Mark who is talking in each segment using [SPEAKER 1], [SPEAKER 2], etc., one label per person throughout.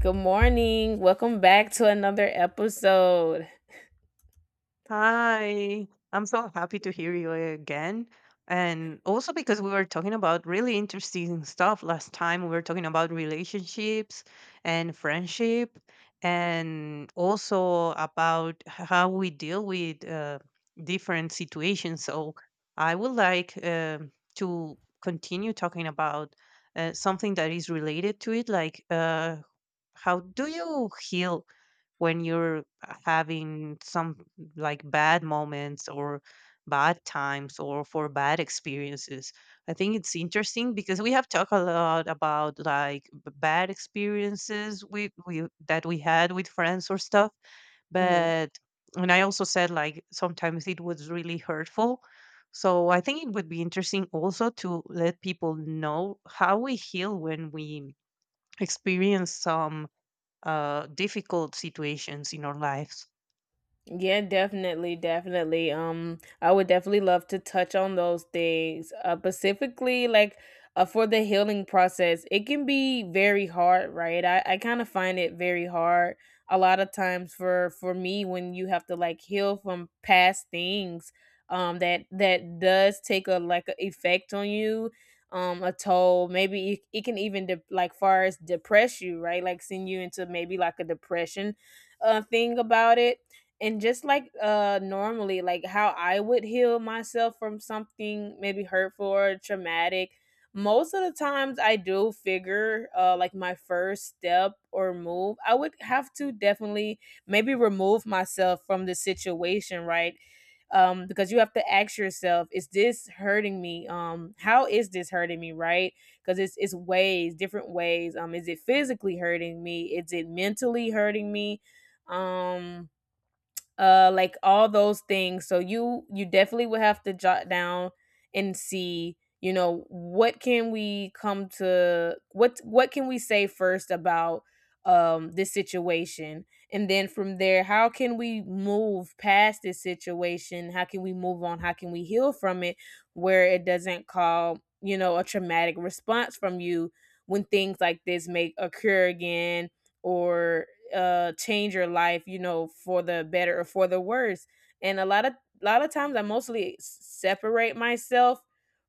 [SPEAKER 1] Good morning. Welcome back to another episode.
[SPEAKER 2] Hi, I'm so happy to hear you again. And also because we were talking about really interesting stuff last time. We were talking about relationships and friendship, and also about how we deal with different situations. So I would like to continue talking about something that is related to it, like how do you heal when you're having some like bad moments or bad times or for bad experiences. I think it's interesting because we have talked a lot about like bad experiences we that we had with friends or stuff,
[SPEAKER 1] Mhm.
[SPEAKER 2] but, and I also said like sometimes it was really hurtful. So I think it would be interesting also to let people know how we heal when we experience some difficult situations in our lives.
[SPEAKER 1] Yeah, definitely, definitely. I would definitely love to touch on those things. Specifically, like for the healing process, it can be very hard, right? I kind of find it very hard a lot of times for me when you have to like heal from past things. That does take a like a effect on you. A toll. Maybe it can even like far as depress you, right? Like send you into maybe like a depression, thing about it. And just like normally, like how I would heal myself from something maybe hurtful or traumatic, most of the times I do figure like my first step or move. I would have to definitely maybe remove myself from the situation, right? Because you have to ask yourself, is this hurting me? How is this hurting me, right? Because it's ways, different ways. Is it physically hurting me? Is it mentally hurting me? um like all those things. So you definitely would have to jot down and see, what can we come to, what can we say first about this situation. And then from there, how can we move past this situation? How can we move on? How can we heal from it where it doesn't call, a traumatic response from you when things like this may occur again? Or change your life, for the better or for the worse. And a lot of times, I mostly separate myself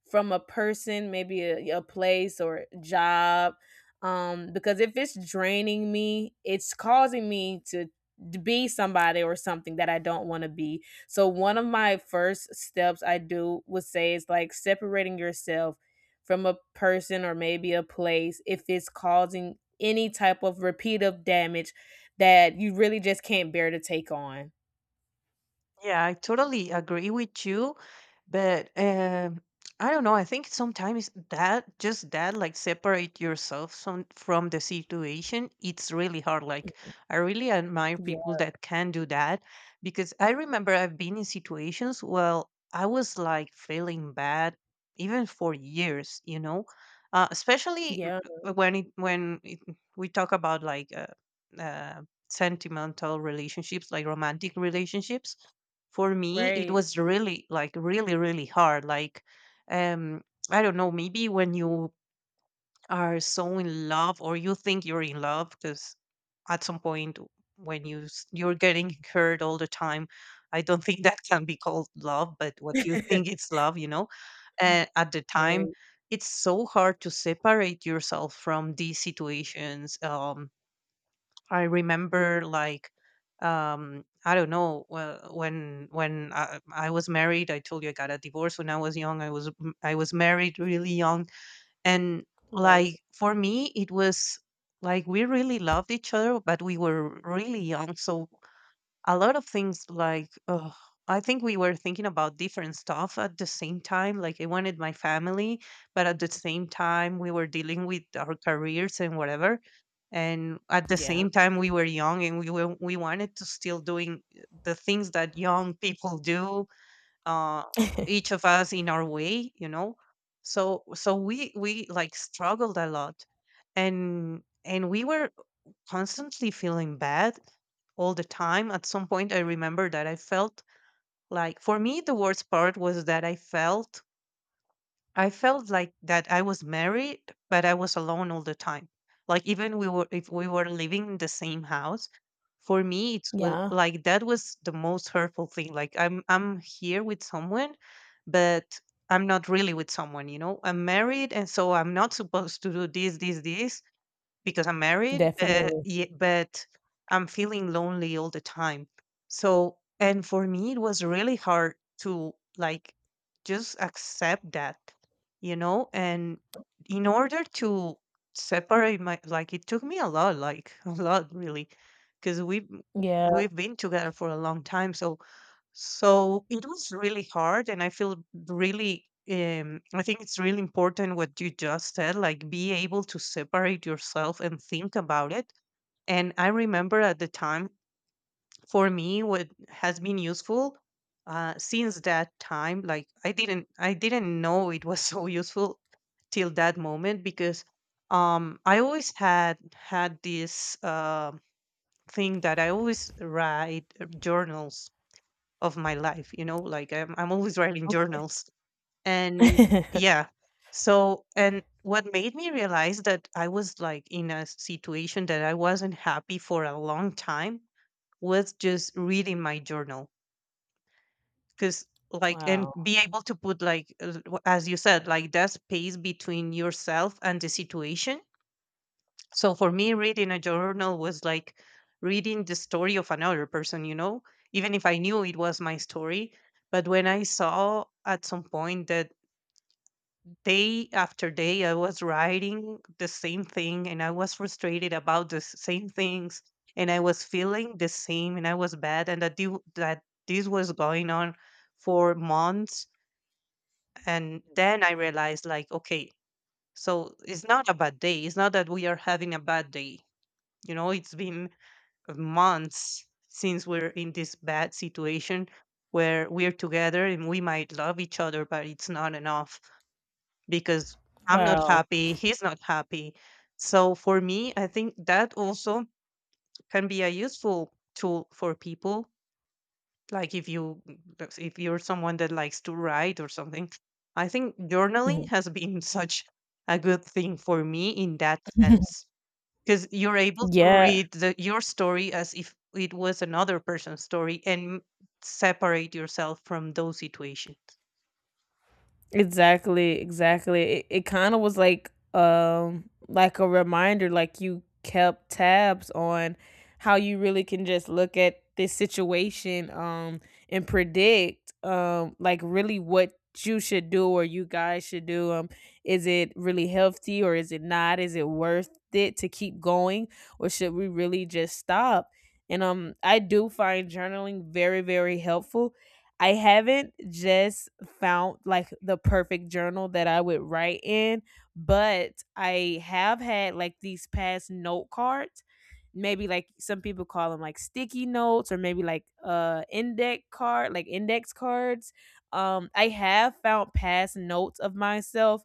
[SPEAKER 1] from a person, maybe a place or job. Because if it's draining me, it's causing me to be somebody or something that I don't want to be. So one of my first steps I do would say is like separating yourself from a person or maybe a place if it's causing any type of repeat of damage that you really just can't bear to take on.
[SPEAKER 2] Yeah, I totally agree with you, but I don't know. I think sometimes that just that like separate yourself some, from the situation, it's really hard. Like I really admire
[SPEAKER 1] Yeah.
[SPEAKER 2] people that can do that, because I remember I've been in situations where I was like feeling bad even for years. You know, especially
[SPEAKER 1] Yeah.
[SPEAKER 2] when it, we talk about like sentimental relationships, like romantic relationships, for me it
[SPEAKER 1] Right.
[SPEAKER 2] was really like really really hard. Like, um I don't know, maybe when you are so in love or you think you're in love, because at some point when you're getting hurt all the time, I don't think that can be called love, but what you think it's love, you know, at the time,
[SPEAKER 1] Right.
[SPEAKER 2] it's so hard to separate yourself from these situations. I remember like, I don't know, when I was married. I told you I got a divorce when I was young. I was I was married really young. And
[SPEAKER 1] Right.
[SPEAKER 2] like, for me, it was like, we really loved each other, but we were really young. So a lot of things, like, oh, I think we were thinking about different stuff at the same time. Like, I wanted my family, but at the same time, we were dealing with our careers and whatever. And at the
[SPEAKER 1] Yeah.
[SPEAKER 2] same time, we were young, and we wanted to still doing the things that young people do, uh, each of us in our way, you know. So we like struggled a lot, and we were constantly feeling bad all the time. At some point, I remember that I felt like, for me, the worst part was that I felt like that I was married, but I was alone all the time. Like, even we were, if we were living in the same house, for me, it's
[SPEAKER 1] Yeah.
[SPEAKER 2] like that was the most hurtful thing. Like, I'm here with someone, but I'm not really with someone. You know, I'm married, and so I'm not supposed to do this, this, this, because I'm married, but
[SPEAKER 1] Definitely.
[SPEAKER 2] but I'm feeling lonely all the time. So, and for me, it was really hard to like just accept that, you know. And in order to separate my, like, it took me a lot, like a lot, really, because
[SPEAKER 1] Yeah.
[SPEAKER 2] we've been together for a long time. So so it was really hard, and I feel really. I think it's really important what you just said, like be able to separate yourself and think about it. And I remember at the time, for me, what has been useful since that time, like I didn't know it was so useful till that moment, because I always had had this thing that I always write journals of my life, you know, like I'm always writing
[SPEAKER 1] Okay.
[SPEAKER 2] journals. And yeah, so, and what made me realize that I was like in a situation that I wasn't happy for a long time was just reading my journal. Because, like, and
[SPEAKER 1] Wow.
[SPEAKER 2] be able to put, like, as you said, like that space between yourself and the situation, so for me, reading a journal was like reading the story of another person, you know, even if I knew it was my story. But when I saw at some point that day after day I was writing the same thing, and I was frustrated about the same things, and I was feeling the same, and I was bad, and that, that this was going on for months. And then I realized, like, okay, so it's not a bad day. It's not that we are having a bad day. You know, it's been months since we're in this bad situation where we're together and we might love each other, but it's not enough, because I'm not
[SPEAKER 1] Wow.
[SPEAKER 2] happy, he's not happy. So for me, I think that also can be a useful tool for people. Like, if you, if you're someone that likes to write or something, I think journaling
[SPEAKER 1] Mhm.
[SPEAKER 2] has been such a good thing for me in that sense, because you're able to
[SPEAKER 1] Yeah.
[SPEAKER 2] read the, your story as if it was another person's story, and separate yourself from those situations.
[SPEAKER 1] Exactly, exactly. It kind of was like a reminder, like you kept tabs on how you really can just look at this situation and predict, like, really what you should do or you guys should do. Is it really healthy or is it not? Is it worth it to keep going, or should we really just stop? And I do find journaling very, very helpful. I haven't just found like the perfect journal that I would write in, but I have had like these past note cards. Maybe like some people call them like sticky notes or maybe like like index cards. I have found past notes of myself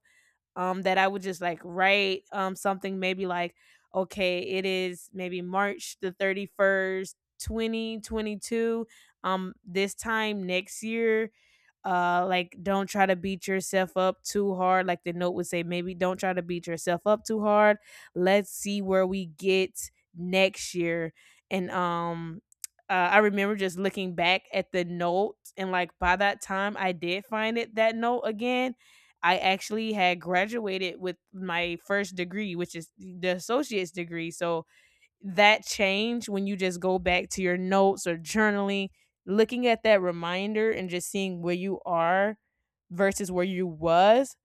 [SPEAKER 1] that I would just like write. Something maybe like, okay, it is maybe March the 31st, 2022. This time next year, like, don't try to beat yourself up too hard. Like the note would say maybe, don't try to beat yourself up too hard, let's see where we get next year. And I remember just looking back at the note, and like by that time, I did find it, that note again. I actually had graduated with my first degree, which is the associate's degree. So that change, when you just go back to your notes or journaling, looking at that reminder and just seeing where you are versus where you was.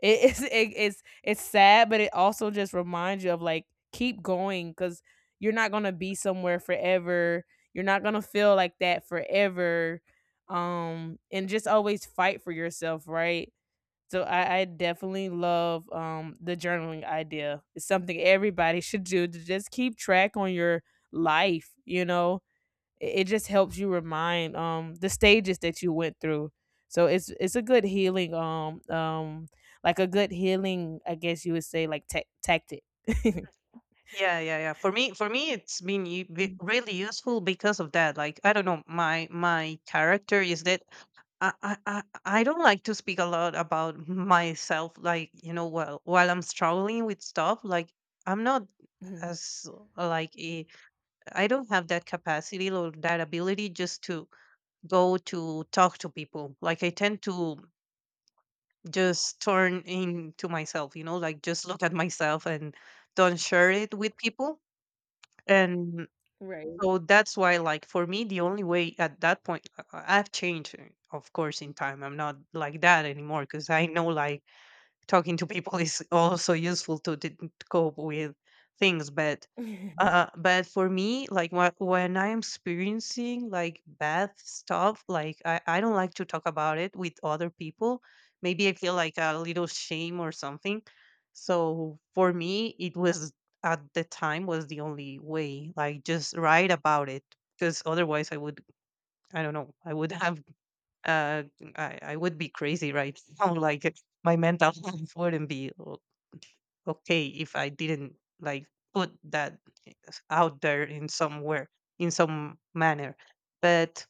[SPEAKER 1] It is it's sad, but it also just reminds you of like keep going, because you're not gonna be somewhere forever. You're not gonna feel like that forever. And just always fight for yourself, right? So I definitely love the journaling idea. It's something everybody should do, to just keep track on your life. It just helps you remind the stages that you went through. So it's a good healing, like, a good healing, I guess you would say, like, tactic.
[SPEAKER 2] Yeah, yeah, yeah, for me it's been
[SPEAKER 1] Right.
[SPEAKER 2] really useful, because of that. Like, I don't know, my character is that I don't like to speak a lot about myself, like, you know, while I'm struggling with stuff, like I'm not
[SPEAKER 1] Mhm.
[SPEAKER 2] as uh, like a, I like don't have that capacity or that ability just to go to talk to people. Like, I tend to just turn into myself, you know, like just look at myself and don't share it with people. And
[SPEAKER 1] Right.
[SPEAKER 2] so that's why, like, for me, the only way at that point, I've changed, of course, in time. I'm not like that anymore, because I know, like, talking to people is also useful to cope with things. But for me, like when I'm experiencing like bad stuff, like, I don't like to talk about it with other people. Maybe I feel like a little shame or something. So for me, it was at the time was the only way, like just write about it. Because otherwise, I would, I don't know, I would have, uh, I would be crazy right now. Like, my mental health wouldn't be okay if I didn't like put that out there in somewhere in some manner. But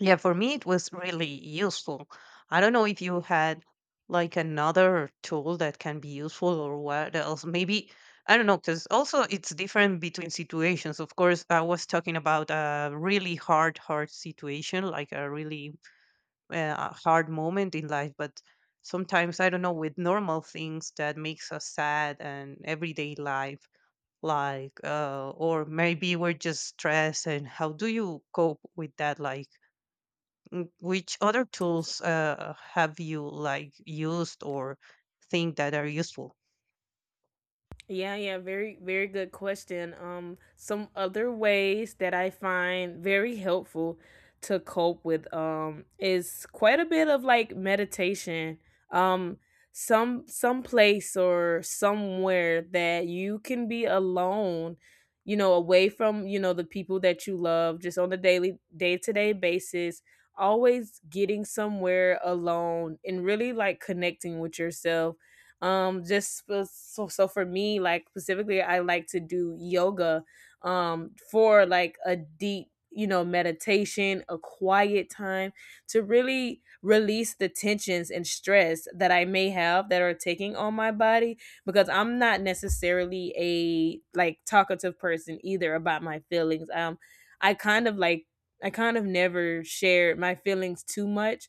[SPEAKER 2] yeah, for me it was really useful. I don't know if you had like another tool that can be useful or what else. Maybe, I don't know, because also it's different between situations. Of course, I was talking about a really hard, hard situation, like a really hard moment in life, but sometimes, I don't know, with normal things that makes us sad and everyday life, like or maybe we're just stressed, and how do you cope with that, like, which other tools have you like used or think that are useful.
[SPEAKER 1] Yeah, yeah, very, very good question. Some other ways that I find very helpful to cope with is quite a bit of like meditation. Um, some place or somewhere that you can be alone, away from, the people that you love, just on a daily day-to-day basis, always getting somewhere alone and really like connecting with yourself. Just for, so, for me, like, specifically, I like to do yoga, for like a deep, meditation, a quiet time, to really release the tensions and stress that I may have that are taking on my body. Because I'm not necessarily a like talkative person either about my feelings. I kind of like I kind of never shared my feelings too much.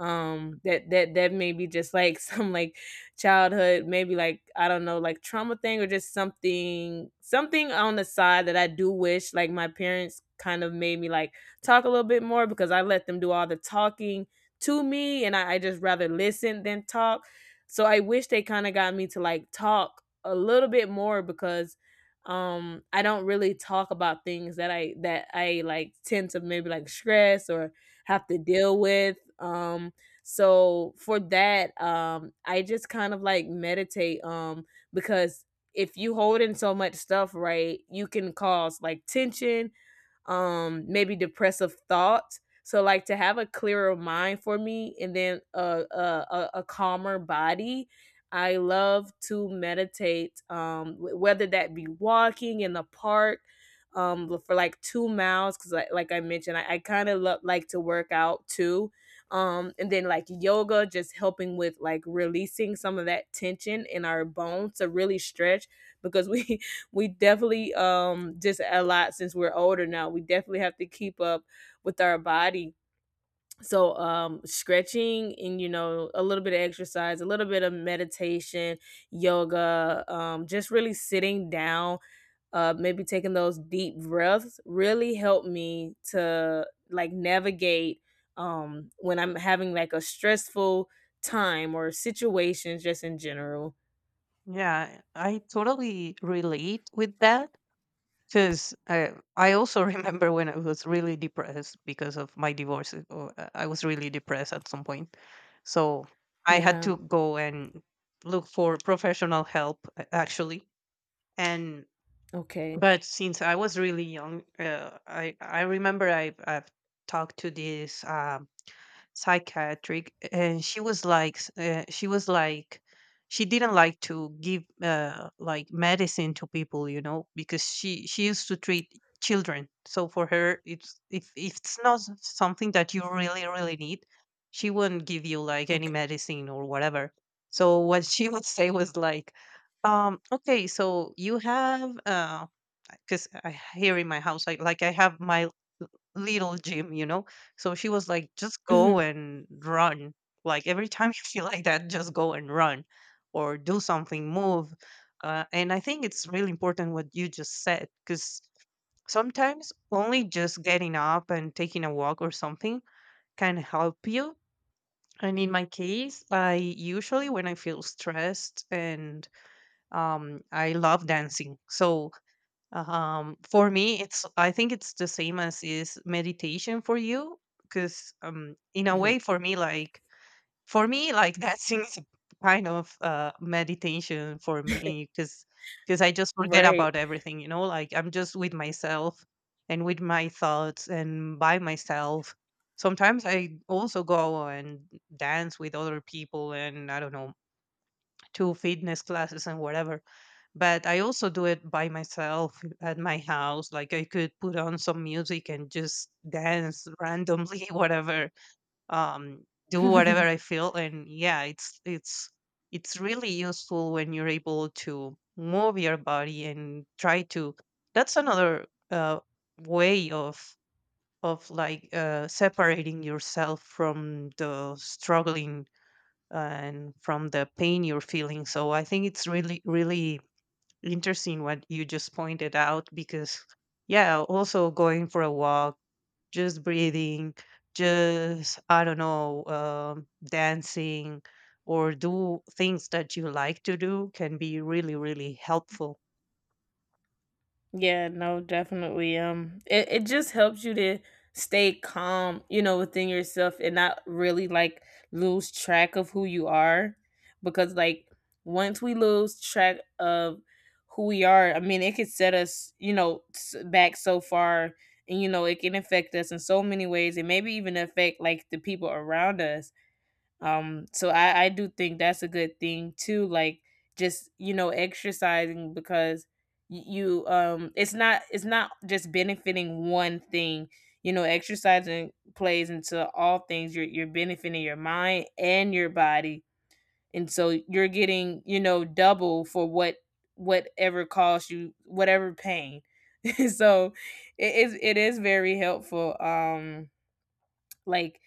[SPEAKER 1] That may be just like some like childhood, maybe, like I don't know, like trauma thing, or just something on the side that I do wish like my parents kind of made me like talk a little bit more, because I let them do all the talking to me, and I just rather listen than talk. So I wish they kind of got me to like talk a little bit more, because I don't really talk about things that I like tend to maybe like stress or have to deal with. So for that, I just kind of like meditate, because if you hold in so much stuff, right, you can cause like tension, maybe depressive thoughts. So like, to have a clearer mind for me and then a calmer body, I love to meditate, whether that be walking in the park, for like 2 miles, because, like I mentioned, I kind of like to work out too. And then like yoga, just helping with like releasing some of that tension in our bones to really stretch, because we we definitely, just a lot, since we're older now, we definitely have to keep up with our body. So stretching and, a little bit of exercise, a little bit of meditation, yoga, just really sitting down, maybe taking those deep breaths, really helped me to like navigate when I'm having like a stressful time or situations, just in general.
[SPEAKER 2] Yeah, I totally relate with that, because I also remember when I was really depressed because of my divorce. I was really depressed at some point. So I had
[SPEAKER 1] Yeah.
[SPEAKER 2] to go and look for professional help, actually. And
[SPEAKER 1] Okay.
[SPEAKER 2] but since I was really young, I remember I've talked to this. Psychiatric, and she was like she was like, she didn't like to give like medicine to people, you know, because she used to treat children. So for her it's, if it's not something that you really really need, she wouldn't give you like any
[SPEAKER 1] Okay.
[SPEAKER 2] medicine or whatever. So what she would say was like, okay, so you have because I, here in my house, like I have my little gym, you know. So she was like, "Just go and run. Like, every time you feel like that, just go and run, or do something, move." And I think it's really important what you just said, because sometimes only just getting up and taking a walk or something can help you. And in my case, I usually when I feel stressed and I love dancing, so for me it's, I think it's the same as is meditation for you, because in a way for me, like for me like that is kind of meditation for me, because I just forget
[SPEAKER 1] Right.
[SPEAKER 2] about everything, you know, like I'm just with myself and with my thoughts and by myself. Sometimes I also go and dance with other people, and I don't know, to fitness classes and whatever. But I also do it by myself at my house. Like, I could put on some music and just dance randomly, whatever, do whatever I feel. And yeah, it's it's really useful when you're able to move your body and try to. That's another way of like separating yourself from the struggling and from the pain you're feeling. So I think it's really, really interesting what you just pointed out because, yeah, also going for a walk, just breathing, just, I don't know, dancing or do things that you like to do can be really, really helpful.
[SPEAKER 1] Yeah, no, definitely. It just helps you to stay calm, within yourself, and not really like lose track of who you are. Because, like, once we lose track of who we are, I mean, it could set us, back so far. And, it can affect us in so many ways, and maybe even affect like the people around us. So I do think that's a good thing too, like, just, exercising, because you, it's not just benefiting one thing. Exercising plays into all things. You're benefiting your mind and your body. And so you're getting, double for whatever cost, you whatever pain. So it is very helpful. Like,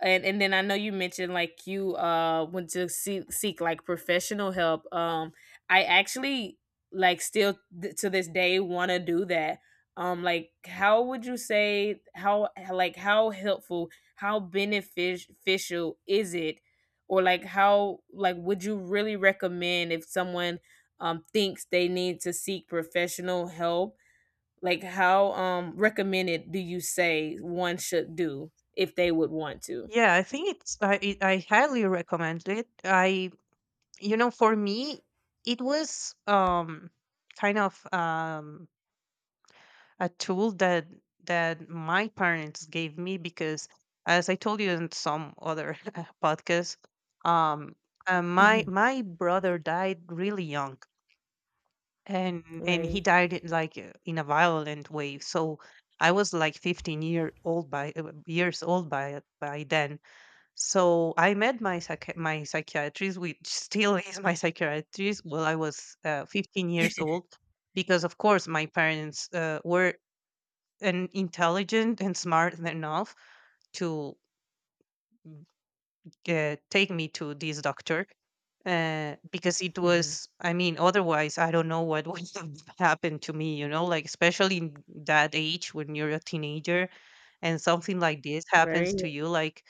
[SPEAKER 1] and then I know you mentioned like you went to seek like professional help. I actually, like, still to this day want to do that. Like, how would you say, how, like, how helpful, how beneficial is it, or like, how, like, would you really recommend if someone thinks they need to seek professional help? Like, how recommended do you say one should do if they would want to?
[SPEAKER 2] Yeah, I think I highly recommend it. I, you know, for me, it was kind of a tool that that my parents gave me because as I told you in some other podcast, um, my
[SPEAKER 1] Mhm.
[SPEAKER 2] my brother died really young, and he
[SPEAKER 1] Right.
[SPEAKER 2] died in, like in a violent way. So I was like 15-year-old by years old by then. So I met my psychiatrist, which still is my psychiatrist, while I was 15 years old because of course my parents were and intelligent and smart enough to take me to this doctor because it
[SPEAKER 1] Hmm.
[SPEAKER 2] was I mean otherwise I don't know what would have happened to me, you know, like especially in that age when you're a teenager and something like this happens
[SPEAKER 1] Right.
[SPEAKER 2] to you like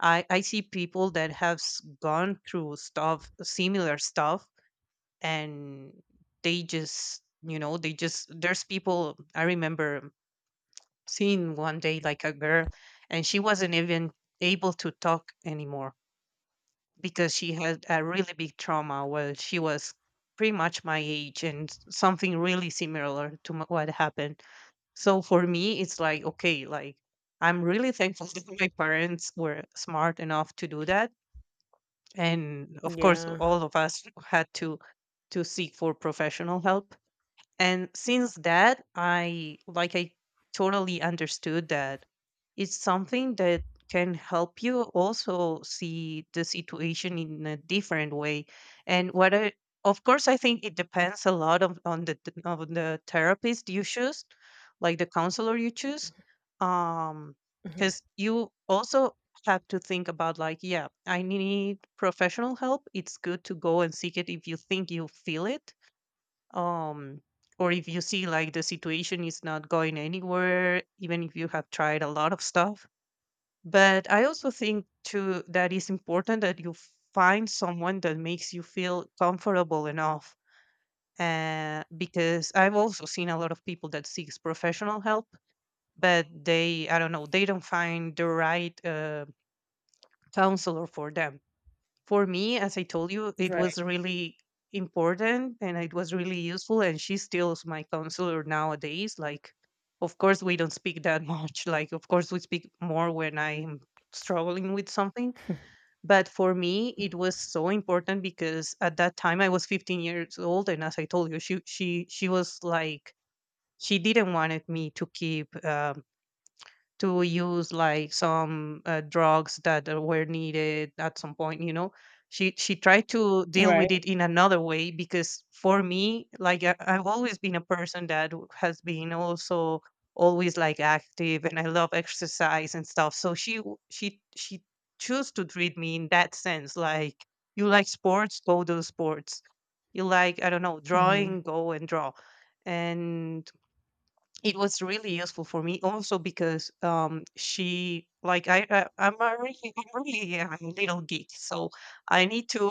[SPEAKER 2] I see people that have gone through stuff similar stuff and they just, you know, they just, there's people. I remember seen one day like a girl, and she wasn't even able to talk anymore because she had a really big trauma. Well, she was pretty much my age and something really similar to what happened. So for me it's like, okay, like I'm really thankful that my parents were smart enough to do that, and of course
[SPEAKER 1] Yeah.
[SPEAKER 2] all of us had to seek for professional help. And since that, I totally understood that it's something that can help you also see the situation in a different way. And of course, I think it depends a lot on on the therapist you choose, like the counselor you choose, um,
[SPEAKER 1] Hmm.
[SPEAKER 2] because you also have to think about like, yeah, I need professional help. It's good to go and seek it if you think you feel it, um, or if you see like the situation is not going anywhere, even if you have tried a lot of stuff. But I also think too that it's important that you find someone that makes you feel comfortable enough, because I've also seen a lot of people that seeks professional help but they, I don't know, they don't find the right counselor for them. For me, as I told you, it
[SPEAKER 1] Right.
[SPEAKER 2] was really important and it was really useful. And she still is my counselor nowadays. Like, of course, we don't speak that much. Like, of course, we speak more when I'm struggling with something. But for me, it was so important because at that time I was 15 years old, and as I told you, she was like she didn't wanted me to keep to use like some drugs that were needed at some point, you know. She tried to deal with
[SPEAKER 1] Right.
[SPEAKER 2] it in another way because for me like I've always been a person that has been also always like active, and I love exercise and stuff. So she w- she chose to treat me in that sense, like you like sports, go do sports; you like, I don't know,
[SPEAKER 1] Hmm.
[SPEAKER 2] drawing, go and draw. And it was really useful for me also because, um, she like I I'm a really I'm really a little geek, so I need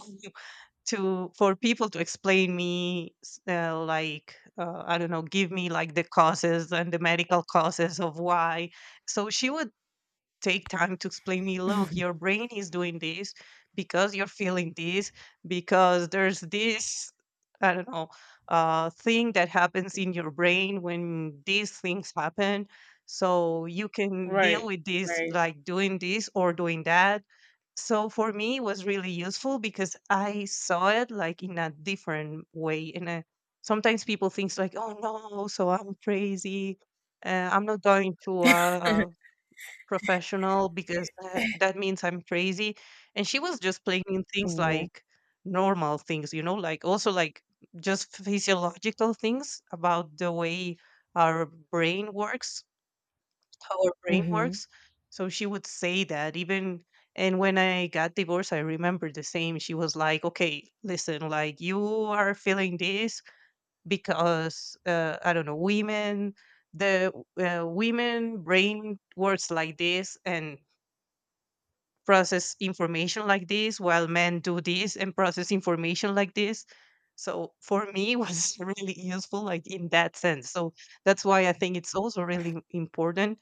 [SPEAKER 2] to for people to explain me I don't know, give me like the causes and the medical causes of why. So she would take time to explain me, look, your brain is doing this because you're feeling this because there's this, I don't know, thing that happens in your brain when these things happen. So you can deal
[SPEAKER 1] Right.
[SPEAKER 2] with this
[SPEAKER 1] Right.
[SPEAKER 2] like doing this or doing that. So for me it was really useful because I saw it like in a different way. And sometimes people think like, oh no, so I'm crazy, I'm not going to a professional because, that means I'm crazy. And she was just playing things
[SPEAKER 1] Yeah.
[SPEAKER 2] like normal things, you know, like also like just physiological things about the way our brain works, how our brain
[SPEAKER 1] Hmm.
[SPEAKER 2] works. So she would say that even, and when I got divorced, I remember the same. She was like, okay, listen, like you are feeling this because, I don't know, women, the, women brain works like this. And process information like this while men do this and process information like this. So for me it was really useful like in that sense. So that's why I think it's also really important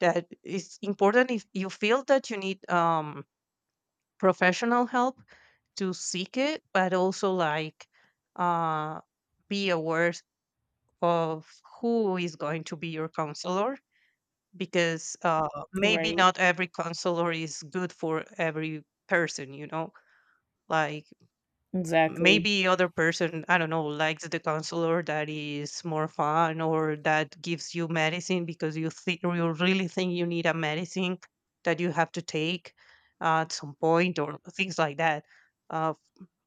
[SPEAKER 2] that it's important if you feel that you need, um, professional help to seek it, but also like, uh, be aware of who is going to be your counselor, because, uh, maybe
[SPEAKER 1] Right.
[SPEAKER 2] not every counselor is good for every person, you know, like
[SPEAKER 1] Exactly.
[SPEAKER 2] maybe other person, I don't know, likes the counselor that is more fun or that gives you medicine because you think you really think you need a medicine that you have to take at some point or things like that. Uh,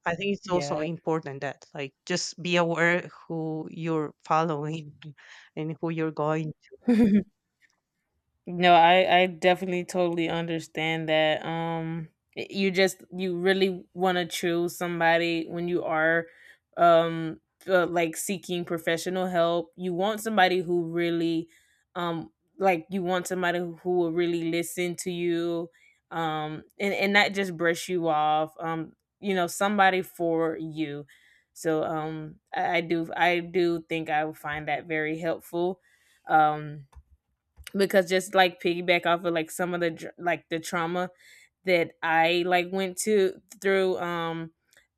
[SPEAKER 2] I think it's also
[SPEAKER 1] Yeah.
[SPEAKER 2] important that like just be aware who you're following and who you're going.
[SPEAKER 1] No, I definitely totally understand that. You just, you really want to choose somebody when you are, um like, seeking professional help. You want somebody who really, um like, you want somebody who will really listen to you, and not just brush you off. Somebody for you. So I do think I would find that very helpful. Um because, just like piggyback off of like some of the like the trauma that I like went to through, um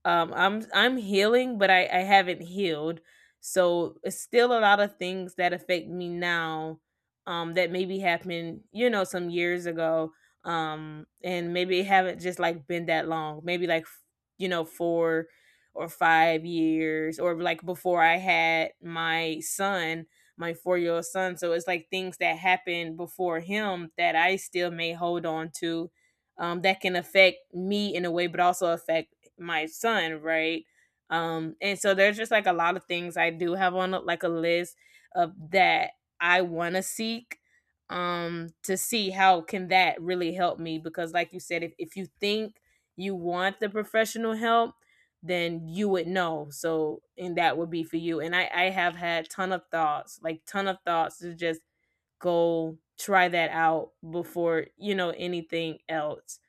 [SPEAKER 1] um I'm healing but I haven't healed, so it's still a lot of things that affect me now, that maybe happened, some years ago, and maybe it haven't just like been that long, maybe like, 4 or 5 years, or like before I had my 4-year old son. So it's like things that happened before him that I still may hold on to, that can affect me in a way, but also affect my son, right? And so there's just like a lot of things I do have on like a list of that I want to seek to see how can that really help me because like you said, if you think you want the professional help, then you would know. So, and that would be for you. And I have had ton of thoughts, like ton of thoughts to just go try that out before you know anything else.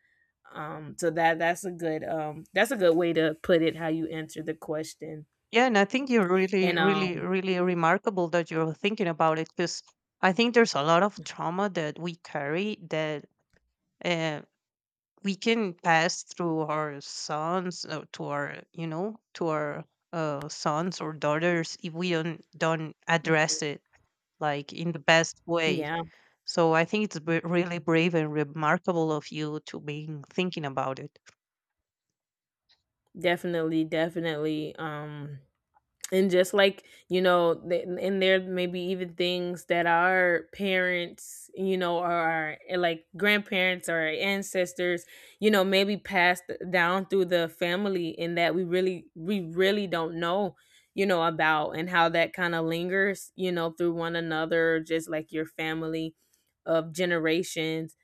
[SPEAKER 1] So that's a good that's a good way to put it how you answer the question.
[SPEAKER 2] Yeah, and I think you're really,
[SPEAKER 1] And
[SPEAKER 2] really, really remarkable that you're thinking about it because I think there's a lot of trauma that we carry that, uh, we can pass through our sons, to our, you know, to our, sons or daughters if we don't address it like in the best way.
[SPEAKER 1] yeah,
[SPEAKER 2] So I think it's really brave and remarkable of you to be thinking about it.
[SPEAKER 1] definitely, definitely. And just like you know and there may be even things that our parents, you know, or our like grandparents or our ancestors, you know, maybe passed down through the family in that we really don't know, you know, about and how that kind of lingers, you know, through one another just like your family of generations.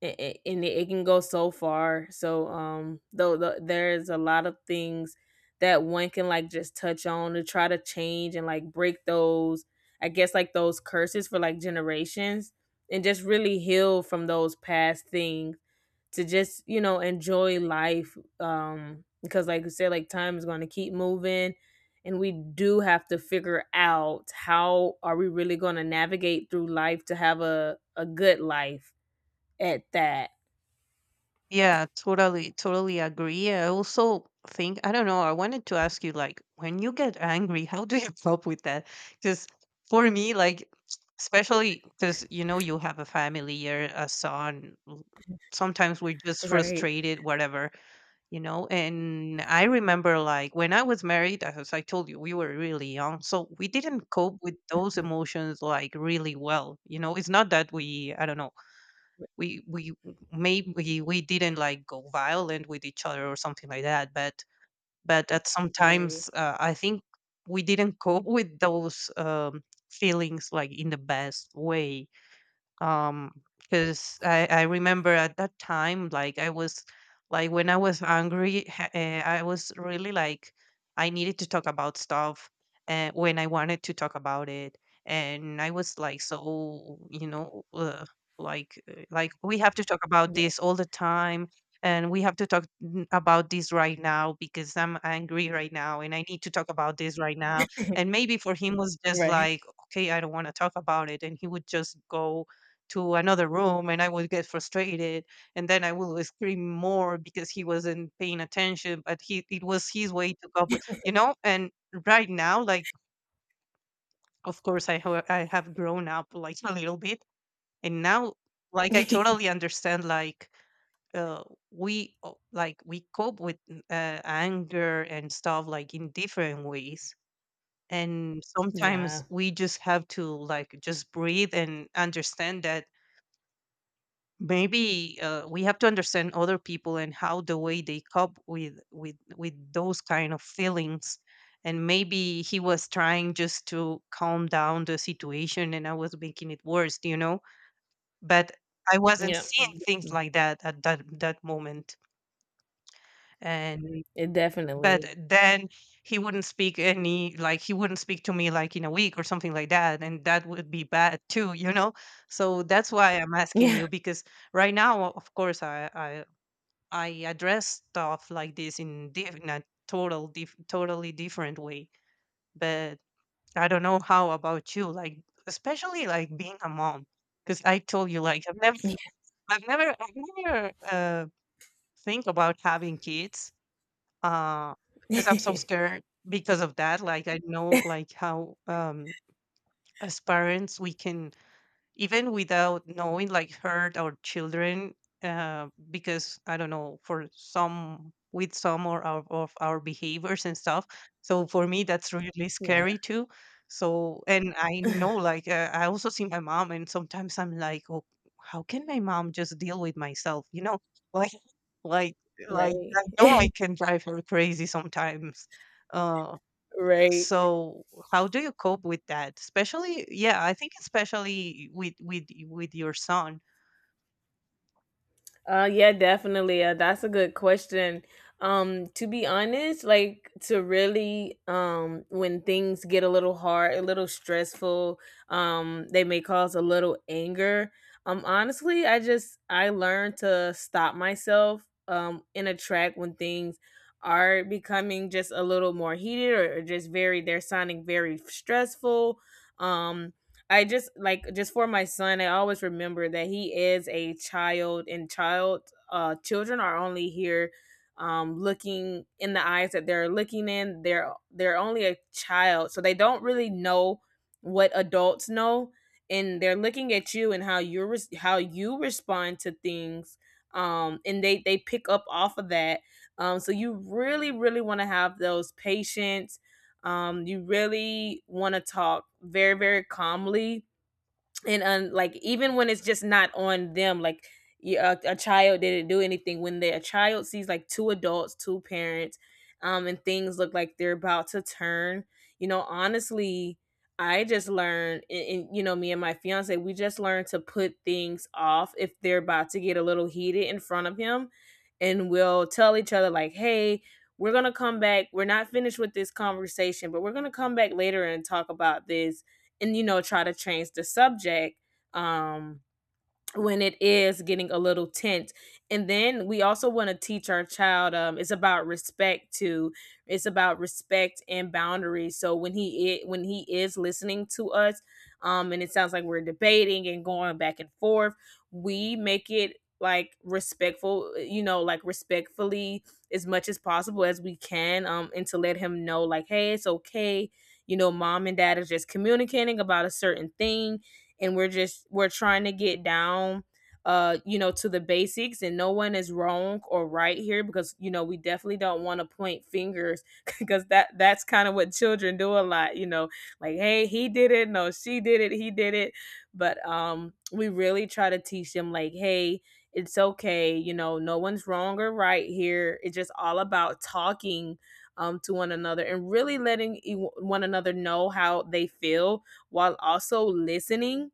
[SPEAKER 1] It, it, and it it can go so far. So there's a lot of things that one can like just touch on to try to change and like break those, I guess like those curses for like generations, and just really heal from those past things to just, you know, enjoy life. Because like you said, like time is going to keep moving. And we do have to figure out how are we really going to navigate through life to have a good life at that.
[SPEAKER 2] Yeah, totally, totally agree. I also think, I don't know, I wanted to ask you, like, when you get angry, how do you cope with that? Because for me, like, especially because, you know, you have a family, you're a son, sometimes we're just
[SPEAKER 1] Right.
[SPEAKER 2] frustrated, whatever, you know? And I remember, like, when I was married, as I told you, we were really young. So we didn't cope with those
[SPEAKER 1] Mhm.
[SPEAKER 2] emotions, like, really well. You know, it's not that we, I don't know,
[SPEAKER 1] r
[SPEAKER 2] we, maybe we didn't like go violent with each other or something like that, but at
[SPEAKER 1] Right.
[SPEAKER 2] sometimes, I think we didn't cope with those, feelings like in the best way, um, because I remember at that time like I was like when I was angry, I was really like I needed to talk about stuff when I wanted to talk about it. And I was like, so, you know, like we have to talk about
[SPEAKER 1] Yeah.
[SPEAKER 2] this all the time, and we have to about this right now because I'm angry right now and I need to talk about this right now. And maybe for him was just
[SPEAKER 1] Right.
[SPEAKER 2] like, okay, I don't want to talk about it. And he would just go to another room, and I would get frustrated, and then I would scream more because he wasn't paying attention. But he, it was his way to cope with, you know. And right now, like, of course I I have grown up like a little bit. And now like I totally understand like, uh, we, like we cope with anger and stuff like in different ways, and sometimes
[SPEAKER 1] Yeah,
[SPEAKER 2] we just have to like just breathe and understand that maybe, we have to understand other people and how the way they cope with with those kind of feelings. And maybe he was trying just to calm down the situation, and I was making it worse, you know, but I wasn't
[SPEAKER 1] yeah,
[SPEAKER 2] seeing things
[SPEAKER 1] definitely.
[SPEAKER 2] like that at that moment. And
[SPEAKER 1] It
[SPEAKER 2] but
[SPEAKER 1] definitely.
[SPEAKER 2] then he wouldn't speak any, like he wouldn't speak to me like in a week or something like that, and that would be bad too, you know. So that's why I'm asking
[SPEAKER 1] Yeah.
[SPEAKER 2] you because right now of course I address stuff like this in, in a totally different way. But I don't know how about you, like especially like being a mom, because I told you like I've never think about having kids, uh, because I'm so
[SPEAKER 1] Yeah.
[SPEAKER 2] scared because of that. Like I know like how as parents we can even without knowing like hurt our children because I don't know for some with some or of our behaviors and stuff, so for me that's really
[SPEAKER 1] Yeah.
[SPEAKER 2] scary too so and I know like I also see my mom and sometimes I'm like, oh, how can my mom just deal with myself, you know? like like like I
[SPEAKER 1] Right.
[SPEAKER 2] know I can drive her crazy sometimes. Uh,
[SPEAKER 1] Right.
[SPEAKER 2] so how do you cope with that, especially, yeah, I think especially with with your son?
[SPEAKER 1] Yeah, definitely. That's a good question. To be honest, like to really, when things get a little hard, a little stressful, they may cause a little anger. Honestly, I just I learned to stop myself, in a track when things are becoming just a little more heated, or just very they're sounding very stressful. Um, I just like just for my son, I always remember that he is a child and child children are only here looking in the eyes that they're looking in. They're only a child. So they don't really know what adults know, and they're looking at you and how you how you respond to things, and they pick up off of that. So you really want to have those patience. You really want to talk very, very calmly, and like even when it's just not on them, like a child didn't do anything when the a child sees like two adults two parents, and things look like they're about to turn, you know. Honestly, I just learned, and you know, me and my fiance, we just learned to put things off if they're about to get a little heated in front of him, and we'll tell each other like, hey, we're gonna come back, we're not finished with this conversation, but we're gonna come back later and talk about this, and you know, try to change the subject um when it is getting a little tense. And then we also want to teach our child, it's about respect too. It's about respect and boundaries, so when he when he is listening to us, and it sounds like we're debating and going back and forth, we make it like respectful, you know, like respectfully as much as possible as we can, and to let him know like, hey, it's okay, you know, mom and dad are just communicating about a certain thing, and we're just we're trying to get down you know, to the basics and no one is wrong or right here, because you know, we definitely don't want to point fingers because that's kind of what children do a lot, you know, like, hey, he did it, no, she did it, he did it. But we really try to teach them like, hey, it's okay, you know, no one's wrong or right here, it's just all about talking, to one another and really letting one another know how they feel while also listening.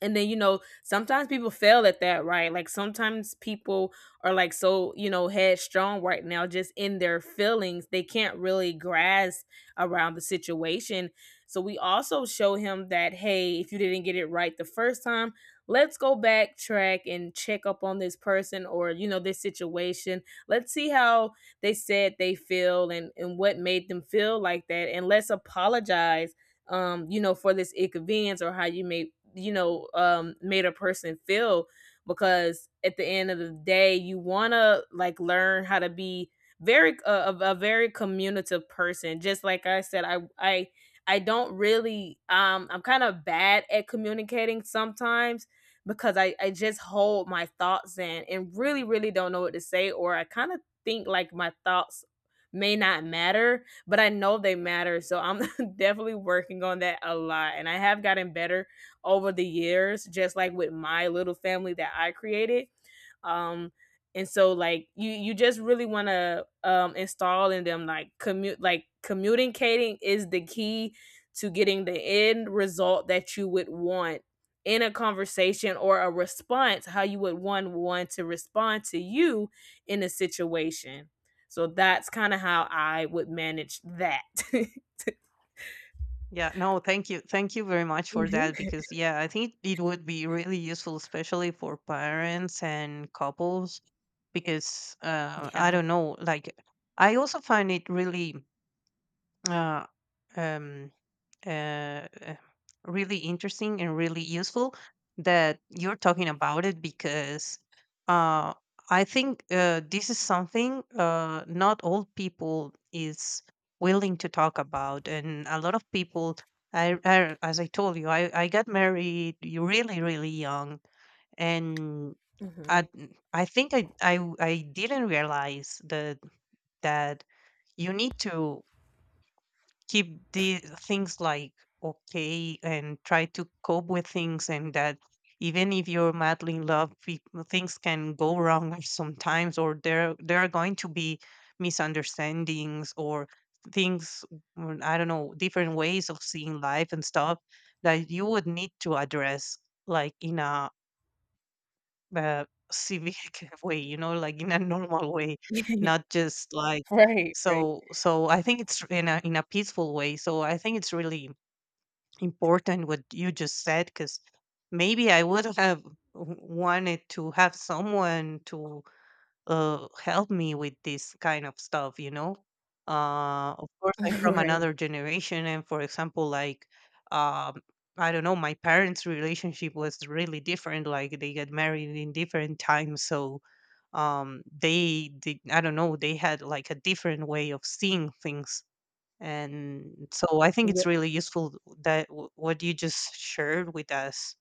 [SPEAKER 1] And then you know sometimes people fail at that, right? Like sometimes people are like so you know headstrong right now just in their feelings, they can't really grasp around the situation. So we also show him that, hey, if you didn't get it right the first time, let's go backtrack and check up on this person, or you know, this situation, let's see how they said they feel and what made them feel like that, and let's apologize, you know, for this inconvenience or how you may, you know, made a person feel. Because at the end of the day, you want to like learn how to be very a very communicative person. Just like I said, I don't really I'm kind of bad at communicating sometimes, because I just hold my thoughts in and really don't know what to say, or I kind of think like my thoughts may not matter, but I know they matter, so I'm definitely working on that a lot, and I have gotten better over the years, just like with my little family that I created. Um, and so like you just really want to install in them like commute like communicating is the key to getting the end result that you would want in a conversation, or a response how you would want one to respond to you in a situation. So that's kind of how I would manage that.
[SPEAKER 2] Yeah, no, thank you, thank you very much for
[SPEAKER 1] Mhm.
[SPEAKER 2] that, because yeah, I think it would be really useful especially for parents and couples, because I
[SPEAKER 1] Yeah.
[SPEAKER 2] don't know, like I also find it really uh, um uh, uh, really interesting and really useful that you're talking about it, because uh, I think this is something not all people is willing to talk about, and a lot of people. I as I told you, I got married really really young, and I
[SPEAKER 1] Mhm.
[SPEAKER 2] I think I didn't realize that that you need to keep the things like okay and try to cope with things, and that even if you're madly in love, things can go wrong sometimes, or there are going to be misunderstandings or things, I don't know, different ways of seeing life and stuff that you would need to address like in a uh, civic way, you know, like in a normal way, not just like
[SPEAKER 1] Right, right.
[SPEAKER 2] so. So I think it's in a peaceful way. So I think it's really important what you just said, because maybe I would have wanted to have someone to help me with this kind of stuff, you know. Of course, I'm from
[SPEAKER 1] Right.
[SPEAKER 2] another generation, and for example, like, um, I don't know, my parents' relationship was really different. Like, they get married in different times, so they did. I don't know, they had like a different way of seeing things, and so I think
[SPEAKER 1] Yeah,
[SPEAKER 2] it's really useful that what you just shared with us.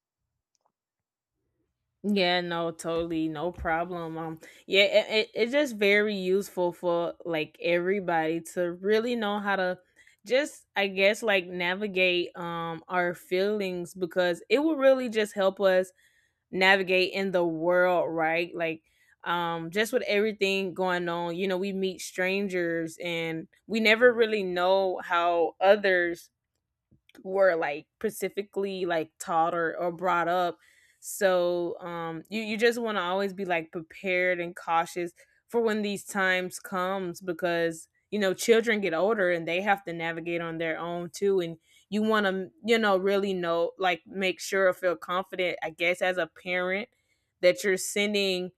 [SPEAKER 1] yeah, no, totally, no problem. Yeah, it, it's just very useful for like everybody to really know how to just, I guess, like navigate our feelings, because it will really just help us navigate in the world, right? Like, just with everything going on, you know, we meet strangers and we never really know how others were like specifically like taught, or brought up. So you you just want to always be like prepared and cautious for when these times comes, because you know children get older and they have to navigate on their own too, and you want to, you know, really know like make sure or feel confident, I guess, as a parent, that you're sending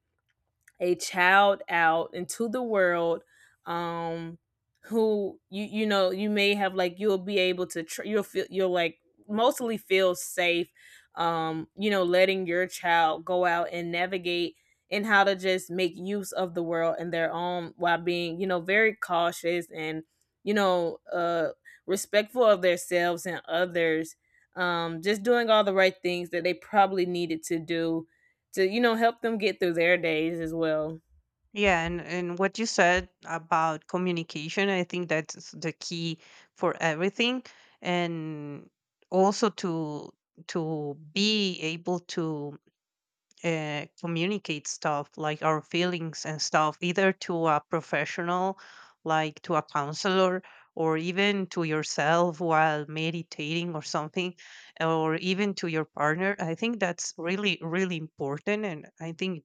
[SPEAKER 1] a child out into the world, um who you you know you may have like you'll be able to you'll feel you'll like mostly feel safe, you know, letting your child go out and navigate and how to just make use of the world and their own while being, you know, very cautious and you know respectful of themselves and others, just doing all the right things that they probably needed to do to, you know, help them get through their days as well.
[SPEAKER 2] Yeah, and what you said about communication, I think that's the key for everything. And also to be able to communicate stuff like our feelings and stuff, either to a professional, like to a counselor, or even to yourself while meditating or something, or even to your partner. I think that's really really important, and I think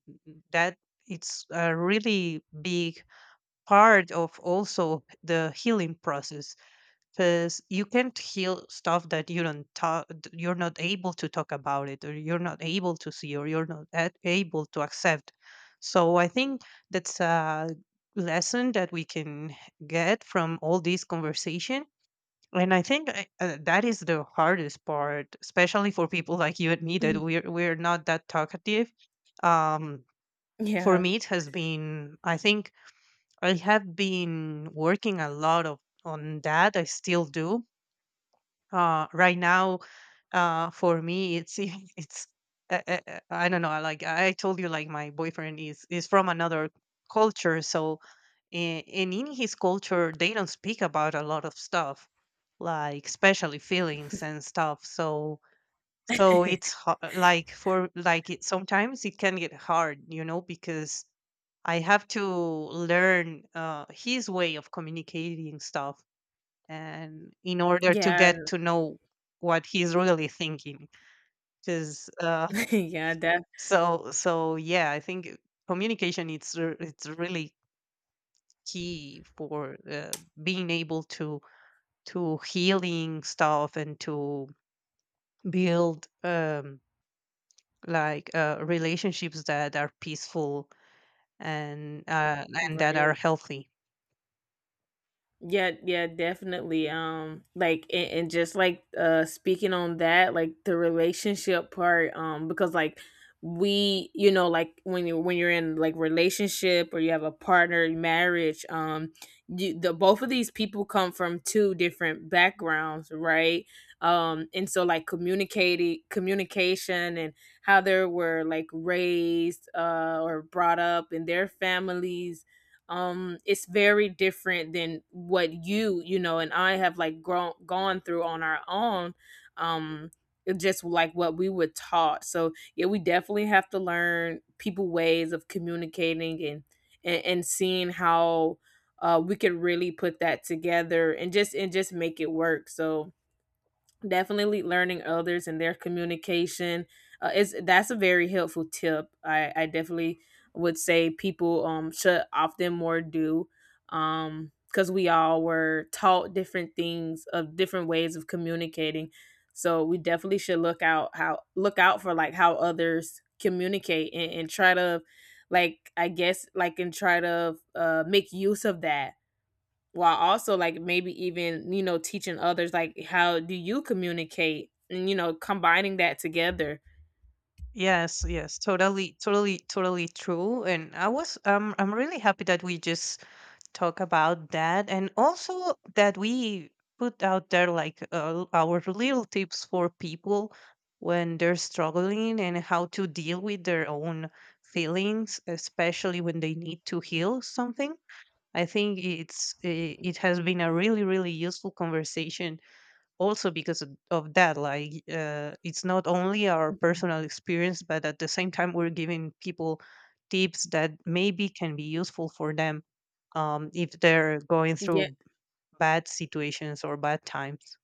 [SPEAKER 2] that it's a really big part of also the healing process, because you can't heal stuff that you don't talk, you're not able to talk about it, or you're not able to see, or you're not able to accept. So I think that's a lesson that we can get from all this conversation. And I think that is the hardest part, especially for people like you and me, that we're not that talkative. um for
[SPEAKER 1] Yeah,
[SPEAKER 2] me it has been, I think I have been working a lot of on that, I still do, right now. For me, it's it's I don't know. I Like I told you, like my boyfriend is from another culture, so and in his culture, they don't speak about a lot of stuff, like especially feelings and stuff. So so it's like for like it sometimes it can get hard, you know, because I have to learn his way of communicating stuff and in order to
[SPEAKER 1] yeah,
[SPEAKER 2] get to know what he's really thinking, because
[SPEAKER 1] yeah, that
[SPEAKER 2] so so yeah, I think communication, it's it's really key for being able to healing stuff and to build like relationships that are peaceful, and uh, and that
[SPEAKER 1] right.
[SPEAKER 2] are healthy.
[SPEAKER 1] Yeah, yeah, definitely. Like, and just like speaking on that, like the relationship part, because like we, you know, like when you when you're in like relationship or you have a partner, marriage, you the both of these people come from two different backgrounds, right? And so like communicating communication and how they were like raised or brought up in their families, it's very different than what you know and I have like grown gone through on our own. um it just like what we were taught. So yeah, we definitely have to learn people ways of communicating, and seeing how we could really put that together and just make it work. So definitely learning others and their communication, is that's a very helpful tip. I definitely would say people should often more do, because we all were taught different things of different ways of communicating. So we definitely should look out how look out for like how others communicate, and try to like I guess like and try to make use of that, while also like maybe even you know teaching others like how do you communicate and you know combining that together.
[SPEAKER 2] Yes, yes, totally, totally, totally true. And I was, I'm really happy that we just talk about that, and also that we put out there like our little tips for people when they're struggling and how to deal with their own feelings, especially when they need to heal something. I think it has been a really, really useful conversation, also because of that, like it's not only our personal experience, but at the same time we're giving people tips that maybe can be useful for them, if they're going
[SPEAKER 1] Yeah.
[SPEAKER 2] through bad situations or bad times.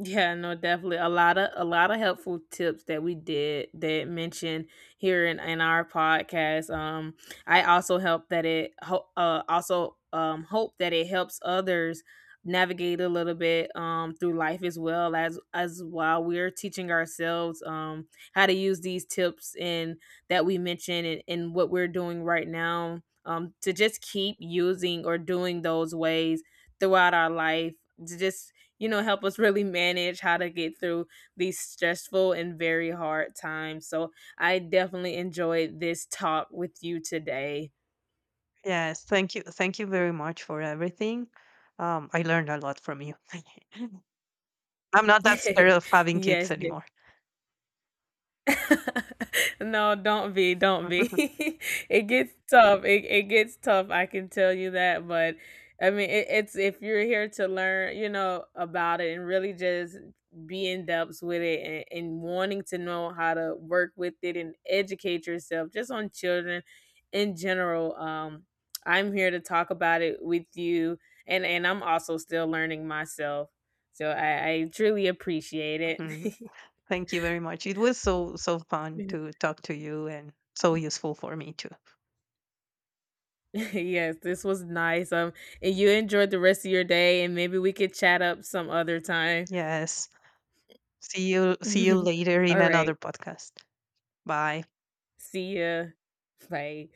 [SPEAKER 1] Yeah, no, definitely a lot of helpful tips that we did that mentioned here in our podcast. I also help that it also hope that it helps others navigate a little bit through life, as well as while we're teaching ourselves how to use these tips and that we mentioned, and what we're doing right now, to just keep using or doing those ways throughout our life to just, you know, help us really manage how to get through these stressful and very hard times. So I definitely enjoyed this talk with you today.
[SPEAKER 2] Yes, thank you, thank you very much for everything. I learned a lot from you. I'm not that scared of having kids
[SPEAKER 1] Yes, yes.
[SPEAKER 2] anymore.
[SPEAKER 1] No, don't be, don't be. It gets tough. It gets tough. I can tell you that. But I mean, it's if you're here to learn, you know, about it and really just be in depth with it, and wanting to know how to work with it and educate yourself just on children in general. I'm here to talk about it with you, and I'm also still learning myself. So I truly appreciate it.
[SPEAKER 2] Mm, thank you very much. It was so so fun to talk to you, and so useful for me too.
[SPEAKER 1] Yes, this was nice. And you enjoyed the rest of your day, and maybe we could chat up some other time.
[SPEAKER 2] Yes. See you later in
[SPEAKER 1] All right.
[SPEAKER 2] another podcast. Bye.
[SPEAKER 1] See ya. Bye.